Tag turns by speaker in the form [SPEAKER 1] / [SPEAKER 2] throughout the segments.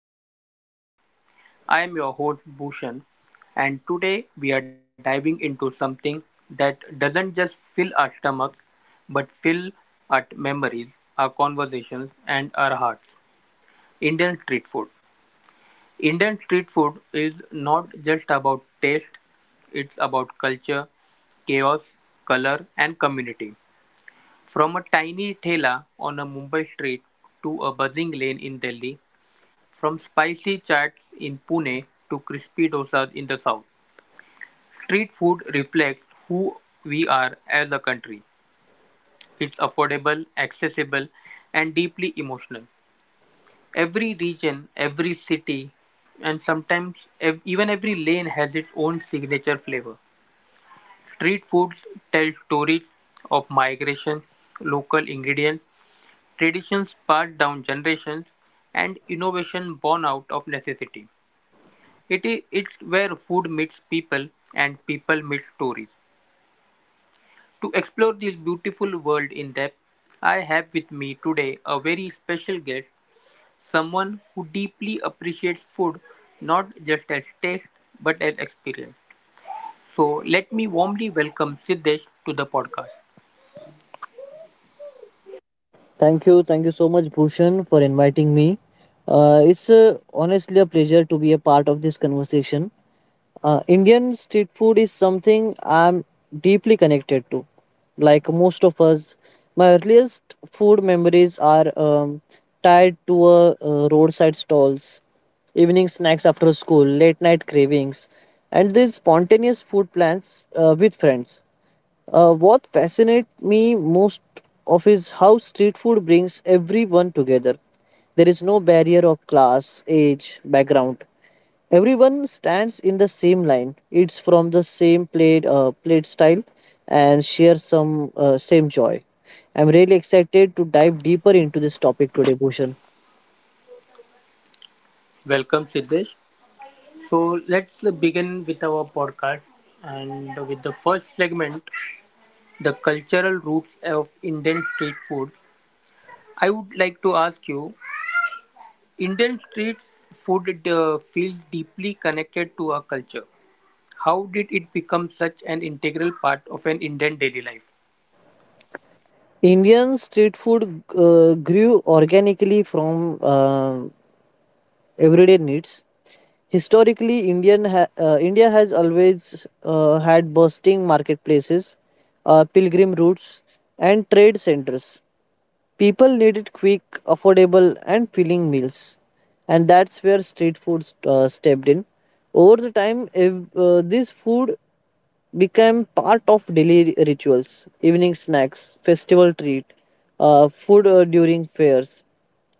[SPEAKER 1] our podcast. I am your host, Bhushan, and today we are diving into something that doesn't just fill our stomachs but fill our memories, our conversations, and our hearts Indian street food. Indian street food is not just about taste, it's about culture, chaos, color, and community. From a tiny thela on a Mumbai street to a buzzing lane in Delhi, from spicy chaats in Pune to crispy dosas in the south, street food reflects who we are as a country. It's affordable, accessible, and deeply emotional. Every region, every city, and sometimes even every lane has its own signature flavor. Street foods tell stories of migration, local ingredients, traditions passed down generations, and innovation born out of necessity. It's where food meets people and people meet stories. To explore this beautiful world in depth, I have with me today a very special guest, someone who deeply appreciates food not just as taste but as experience. So let me warmly welcome Siddesh to the podcast.
[SPEAKER 2] Thank you. Thank you so much, Bhushan, for inviting me. It's honestly a pleasure to be a part of this conversation. Indian street food is something I'm deeply connected to. Like most of us, my earliest food memories are tied to roadside stalls, evening snacks after school, late night cravings, and these spontaneous food plans with friends. What fascinates me most of is how street food brings everyone together. There is no barrier of class, age, background. Everyone stands in the same line. It's from the same plate, plate style, and share some same joy. I'm really excited to dive deeper into this topic today, Bhushan.
[SPEAKER 1] Welcome Siddesh. So let's begin with our podcast and with the first segment the cultural roots of Indian street food. I would like to ask you, Indian street food feels deeply connected to our culture. How did it become such an integral part of an Indian daily life?
[SPEAKER 2] Indian street food grew organically from everyday needs. Historically, India has always had bustling marketplaces, pilgrim routes, and trade centers. People needed quick, affordable, and filling meals, and that's where street food stepped in. Over the time, this food became part of daily rituals, evening snacks, festival treat, food during fairs.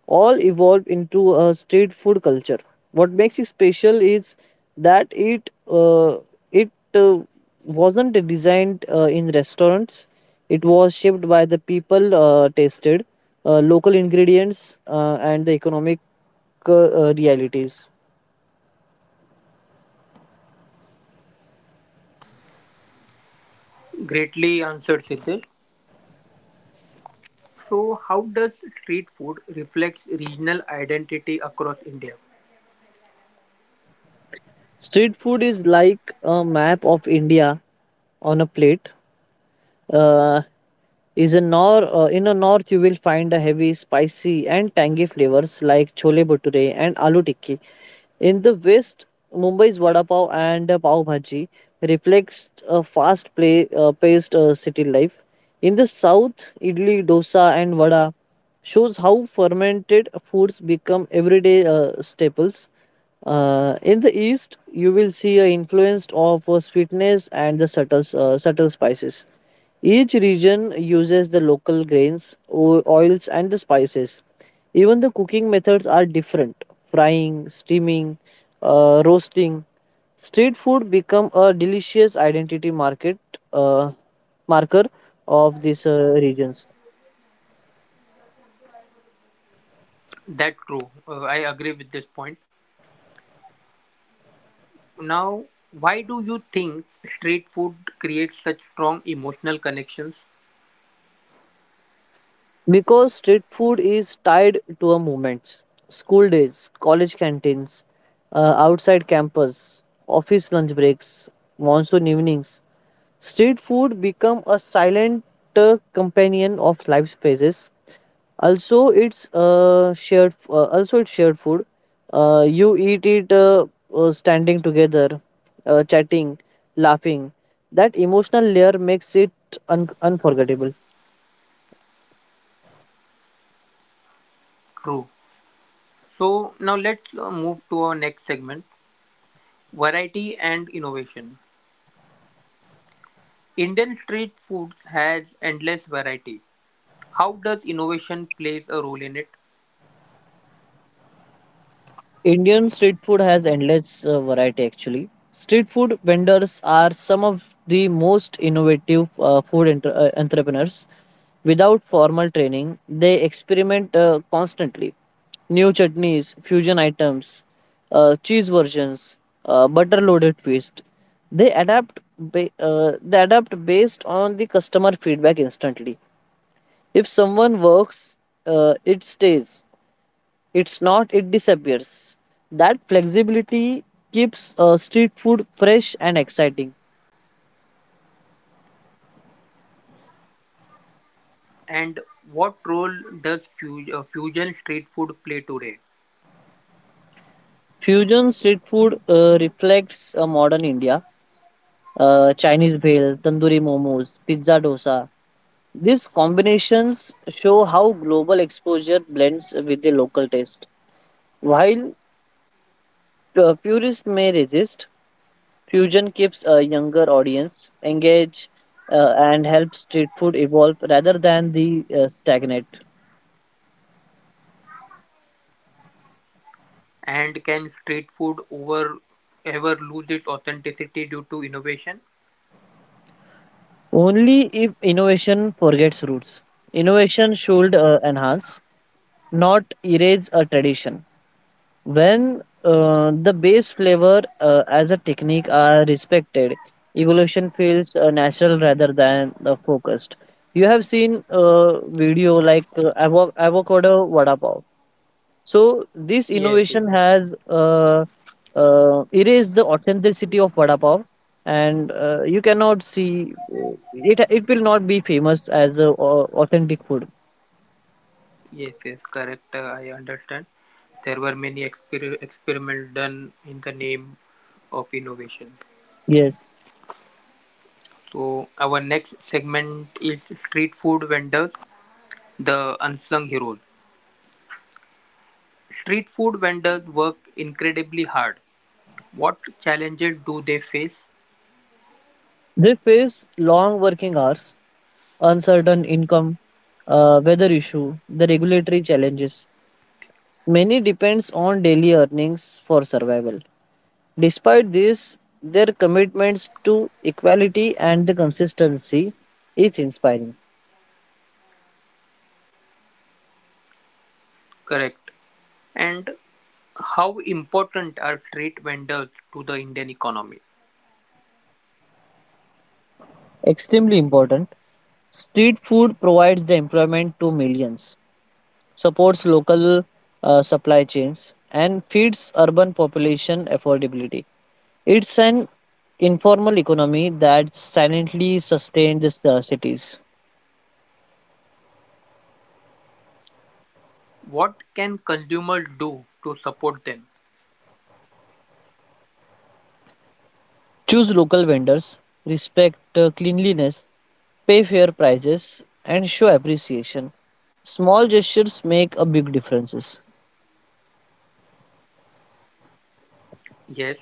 [SPEAKER 2] All evolved into a street food culture. What makes it special is that it wasn't designed in restaurants. It was shaped by the people tasted, local ingredients, and the economic realities.
[SPEAKER 1] Greatly answered, Siddesh. So, how does street food reflects regional identity across India?
[SPEAKER 2] Street food is like a map of India on a plate. Uh, is a nor In a north, you will find a heavy spicy and tangy flavors like chole bhature and aloo tikki. In the west, Mumbai's vada pav and pav bhaji reflects a fast play paced city life. In the south, idli, dosa, and vada shows how fermented foods become everyday staples. In the east, you will see an influence of sweetness and the subtle spices. Each region uses the local grains, oils, and the spices. Even the cooking methods are different: frying, steaming, roasting. Street food become a delicious identity market marker of these regions,
[SPEAKER 1] That's true. I agree with this point. Now, why do you think street food creates such strong emotional connections?
[SPEAKER 2] because street food is tied to a movement. School days, college canteens, outside campus, office lunch breaks, monsoon evenings. Street food become a silent companion of life spaces. Also, it's shared food. You eat it standing together, chatting, laughing. That emotional layer makes it unforgettable.
[SPEAKER 1] True. So now let's move to our next segment, variety and innovation. Indian street foods has endless variety. How does innovation plays a role in it?
[SPEAKER 2] Indian street food has endless variety actually. Street food vendors are some of the most innovative uh, food entrepreneurs. Without formal training, they experiment constantly. New chutneys, fusion items, cheese versions, butter loaded feast. They adapt based on the customer feedback instantly. If someone works, it stays. It's not, it disappears. That flexibility keeps street food fresh and exciting.
[SPEAKER 1] And what role does fusion street food play today?
[SPEAKER 2] Fusion street food reflects modern India. Chinese bhel, tandoori momos, pizza dosa. These combinations show how global exposure blends with the local taste. While purists may resist, fusion keeps a younger audience engaged and helps street food evolve rather than the stagnate.
[SPEAKER 1] And can street food over ever lose its authenticity due to innovation?
[SPEAKER 2] Only if innovation forgets roots. Innovation should enhance, not erase a tradition. When the base flavor as a technique are respected, evolution feels natural rather than focused. You have seen a video like avocado vada pav. So this
[SPEAKER 1] Yes,
[SPEAKER 2] innovation
[SPEAKER 1] yes,
[SPEAKER 2] has erased the authenticity of vada pav, and you cannot see it. It will not be famous as a authentic food.
[SPEAKER 1] yes, yes. Correct. I understand. There were many experiments done in the name of innovation.
[SPEAKER 2] Yes,
[SPEAKER 1] So our next segment is street food vendors, the unsung heroes. Street food vendors work incredibly hard. What challenges do they face?
[SPEAKER 2] they face long working hours, uncertain income, weather issue, the regulatory challenges. Many depends on daily earnings for survival. Despite this, their commitments to equality and the consistency is inspiring.
[SPEAKER 1] Correct. And how important are street vendors to the Indian economy?
[SPEAKER 2] Extremely important. Street food provides the employment to millions, supports local supply chains, and feeds urban population affordability. It's an informal economy that silently sustains cities.
[SPEAKER 1] What can consumers do to support them?
[SPEAKER 2] Choose local vendors, respect cleanliness, pay fair prices, and show appreciation. Small gestures make a big difference.
[SPEAKER 1] Yes.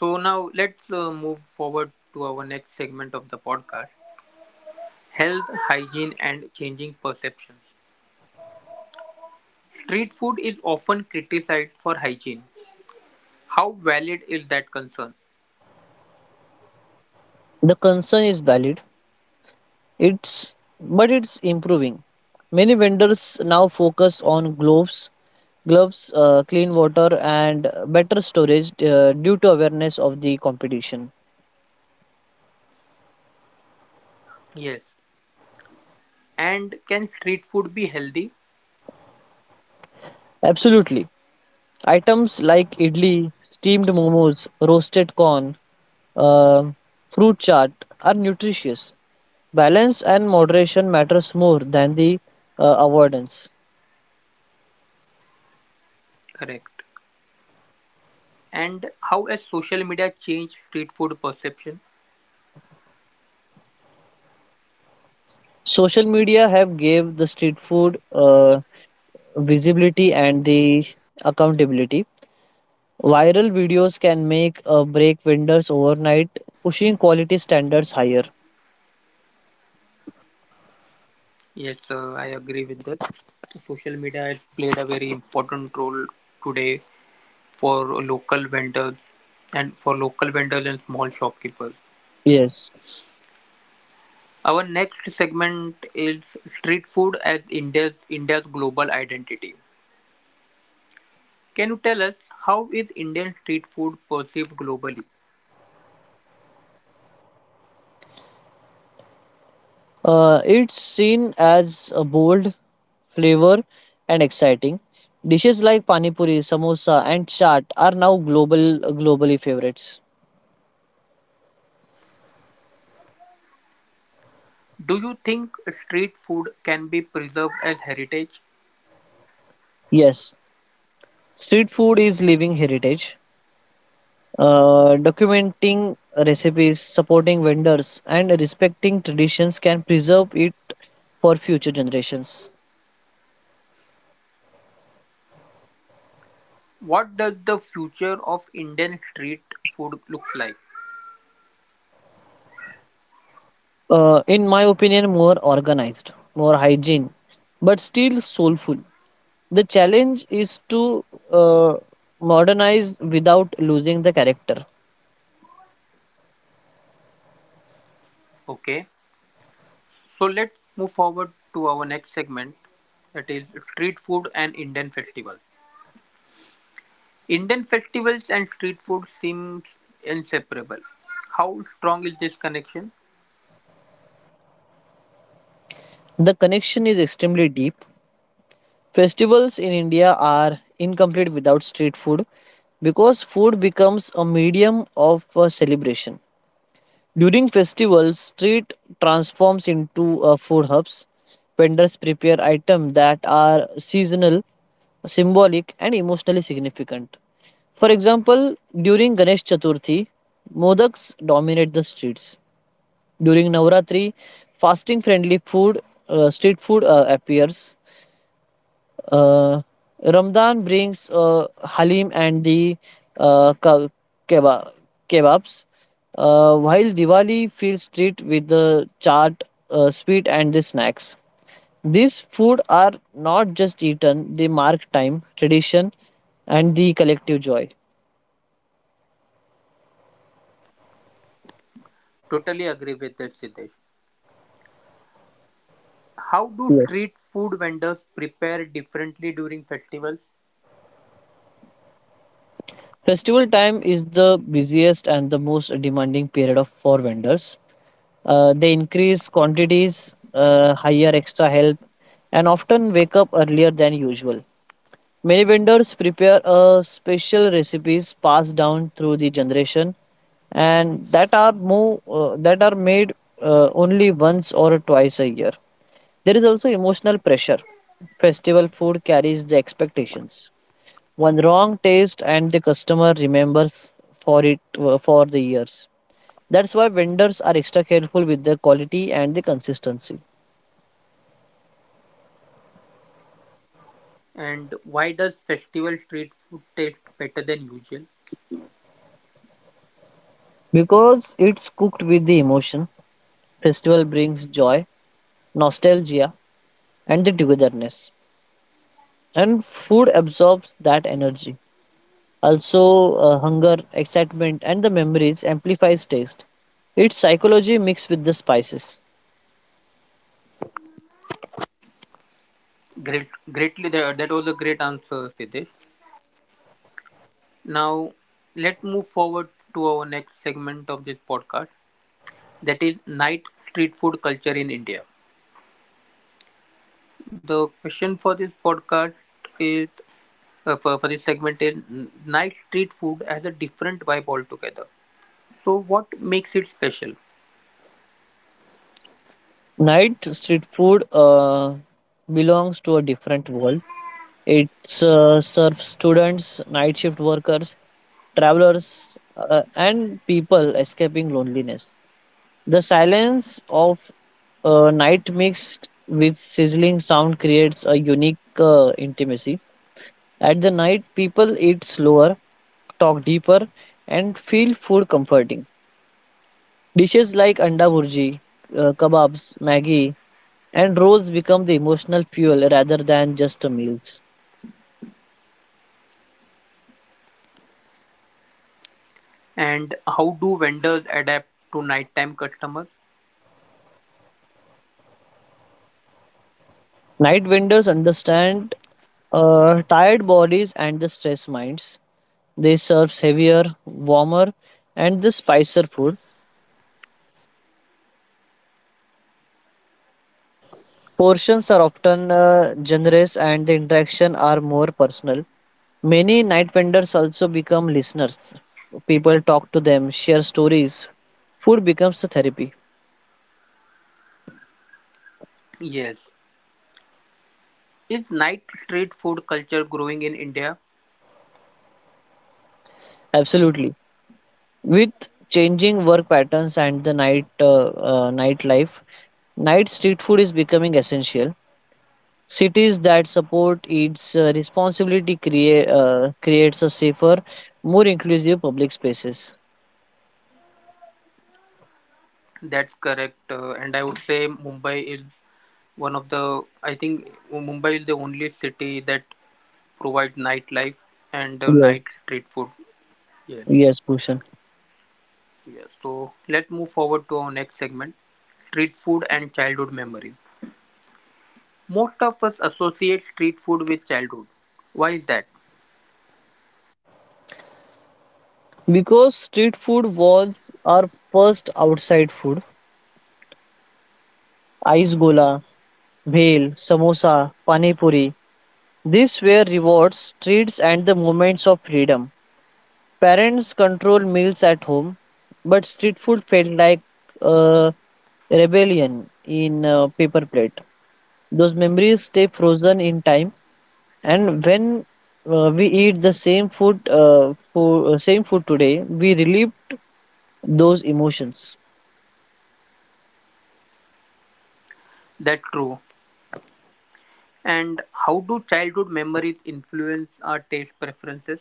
[SPEAKER 1] So now let's move forward to our next segment of the podcast health, hygiene, and changing perceptions. Street food is often criticized for hygiene. How valid is that concern?
[SPEAKER 2] The concern is valid, it's but it's improving. Many vendors now focus on gloves, clean water, and better storage due to awareness of the competition.
[SPEAKER 1] Yes. And can street food be healthy?
[SPEAKER 2] Absolutely, items like idli, steamed momos, roasted corn, uh, fruit chaat are nutritious. Balance and moderation matters more than the avoidance.
[SPEAKER 1] Correct. And how has social media changed street food perception?
[SPEAKER 2] Social media have gave the street food visibility and the accountability. Viral videos can make or break vendors overnight, pushing quality standards higher.
[SPEAKER 1] Yes, I agree with that. Social media has played a very important role today for local vendors and for local vendors and small shopkeepers.
[SPEAKER 2] Yes.
[SPEAKER 1] Our next segment is street food as India's global identity. Can you tell us how is Indian street food perceived globally?
[SPEAKER 2] It's seen as a bold flavor and exciting. Dishes like pani puri, samosa, and chaat are now global globally favorites.
[SPEAKER 1] Do you think street food can be preserved as heritage?
[SPEAKER 2] Yes, street food is living heritage. Documenting recipes, supporting vendors, and respecting traditions can preserve it for future generations.
[SPEAKER 1] What does the future of Indian street food look like?
[SPEAKER 2] In my opinion, more organized, more hygiene, but still soulful. The challenge is to uh, modernize without losing the character.
[SPEAKER 1] Okay, so let's move forward to our next segment, that is street food and Indian festivals. Indian festivals and street food seems inseparable. How strong is this connection?
[SPEAKER 2] The connection is extremely deep. Festivals in India are incomplete without street food because food becomes a medium of celebration. During festivals, street transforms into food hubs. Vendors prepare items that are seasonal, symbolic, and emotionally significant. For example, during Ganesh Chaturthi, modaks dominate the streets. During Navratri, fasting friendly food, street food appears. Uh, Ramadan brings halim and the uh, ka- keba- kebabs, while Diwali fills street with the chaat, sweet, and the snacks. These food are not just eaten; they mark time, tradition, and the collective joy.
[SPEAKER 1] Totally agree with that, Siddesh. How do
[SPEAKER 2] Yes.
[SPEAKER 1] street food vendors prepare differently during festivals?
[SPEAKER 2] Festival time is the busiest and the most demanding period of for vendors. They increase quantities, hire extra help, and often wake up earlier than usual. Many vendors prepare a special recipes passed down through the generation and that are more that are made only once or twice a year. There is also emotional pressure. Festival food carries the expectations. One wrong taste and the customer remembers for it for the years. That's why vendors are extra careful with the quality and the consistency,
[SPEAKER 1] And why does festival street food taste better than usual?
[SPEAKER 2] because it's cooked with the emotion. Festival brings joy, nostalgia, and the togetherness. And food absorbs that energy. Also, hunger, excitement, and the memories amplifies taste. It's psychology mixed with the spices.
[SPEAKER 1] Great, greatly, that that was a great answer, Siddesh. Now, let's move forward to our next segment of this podcast, that is night street food culture in India. The question for this podcast is for this segment is night street food has a different vibe altogether. So, what makes it special?
[SPEAKER 2] Night street food belongs to a different world. It serves students, night shift workers, travelers, and people escaping loneliness. The silence of night mixed with sizzling sound creates a unique intimacy. At the night, people eat slower, talk deeper, and feel food comforting. Dishes like anda burji, kebabs, maggi, and rolls become the emotional fuel rather than just a meals.
[SPEAKER 1] And how do vendors adapt to nighttime customers?
[SPEAKER 2] Night vendors understand tired bodies and the stressed minds. They serve heavier, warmer, and the spicier food. Portions are often generous, and the interaction are more personal. Many night vendors also become listeners. People talk to them, share stories. Food becomes a therapy.
[SPEAKER 1] Yes. Is night street food culture growing in India?
[SPEAKER 2] Absolutely. With changing work patterns and the night nightlife, night street food is becoming essential. Cities that support its responsibility creates a safer, more inclusive public spaces.
[SPEAKER 1] That's correct. And I would say Mumbai is one of the, I think Mumbai is the only city that provides nightlife and night
[SPEAKER 2] Yes,
[SPEAKER 1] street food. Yes.
[SPEAKER 2] yes, Bhushan.
[SPEAKER 1] Yes. So let's move forward to our next segment, street food and childhood memories. Most of us associate street food with childhood. Why is that?
[SPEAKER 2] Because street food was our first outside food. Ice gola, bhel, samosa, pani puri. These were rewards, treats, and the moments of freedom. Parents controlled meals at home, but street food felt like a rebellion in a paper plate. Those memories stay frozen in time, and when we eat the same food, same food today, we relive those emotions.
[SPEAKER 1] That's true. And how do childhood memories influence our taste preferences?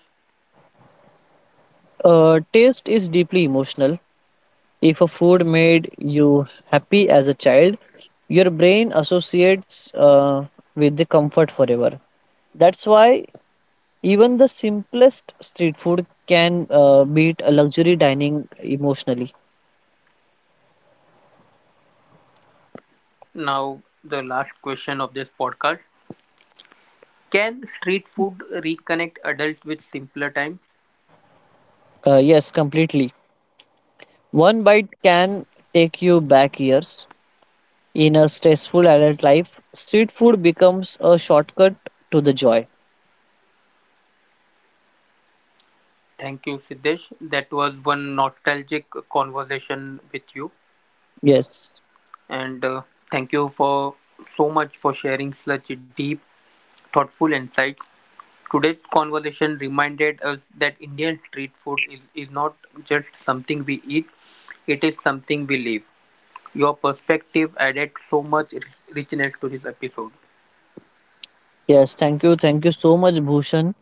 [SPEAKER 2] Taste is deeply emotional. If a food made you happy as a child, your brain associates with the comfort forever. That's why even the simplest street food can beat a luxury dining emotionally.
[SPEAKER 1] Now, the last question of this podcast. Can street food reconnect adults with simpler times?
[SPEAKER 2] Yes, completely. One bite can take you back years. In a stressful adult life, street food becomes a shortcut to the joy.
[SPEAKER 1] Thank you, Siddesh. That was one nostalgic conversation with you.
[SPEAKER 2] Yes.
[SPEAKER 1] And thank you for so much for sharing such deep, thoughtful insights. Today's conversation reminded us that Indian street food is not just something we eat, it is something we live. Your perspective added so much richness to this episode.
[SPEAKER 2] Yes, thank you. Thank you so much, Bhushan.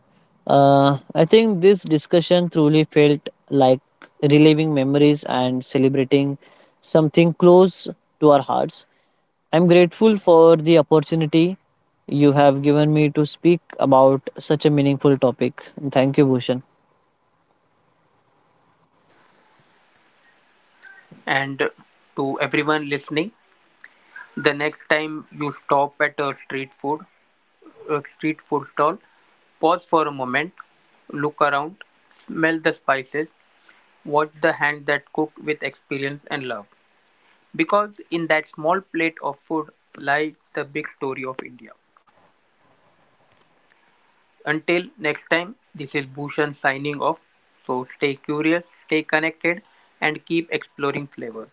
[SPEAKER 2] I think this discussion truly felt like reliving memories and celebrating something close to our hearts. I'm grateful for the opportunity you have given me to speak about such a meaningful topic. Thank you, Bhushan.
[SPEAKER 1] And to everyone listening, the next time you stop at a street food stall, pause for a moment, look around, smell the spices, watch the hand that cooked with experience and love. Because in that small plate of food lies the big story of India. Until next time, this is Bhushan signing off. So stay curious, stay connected, and keep exploring flavor.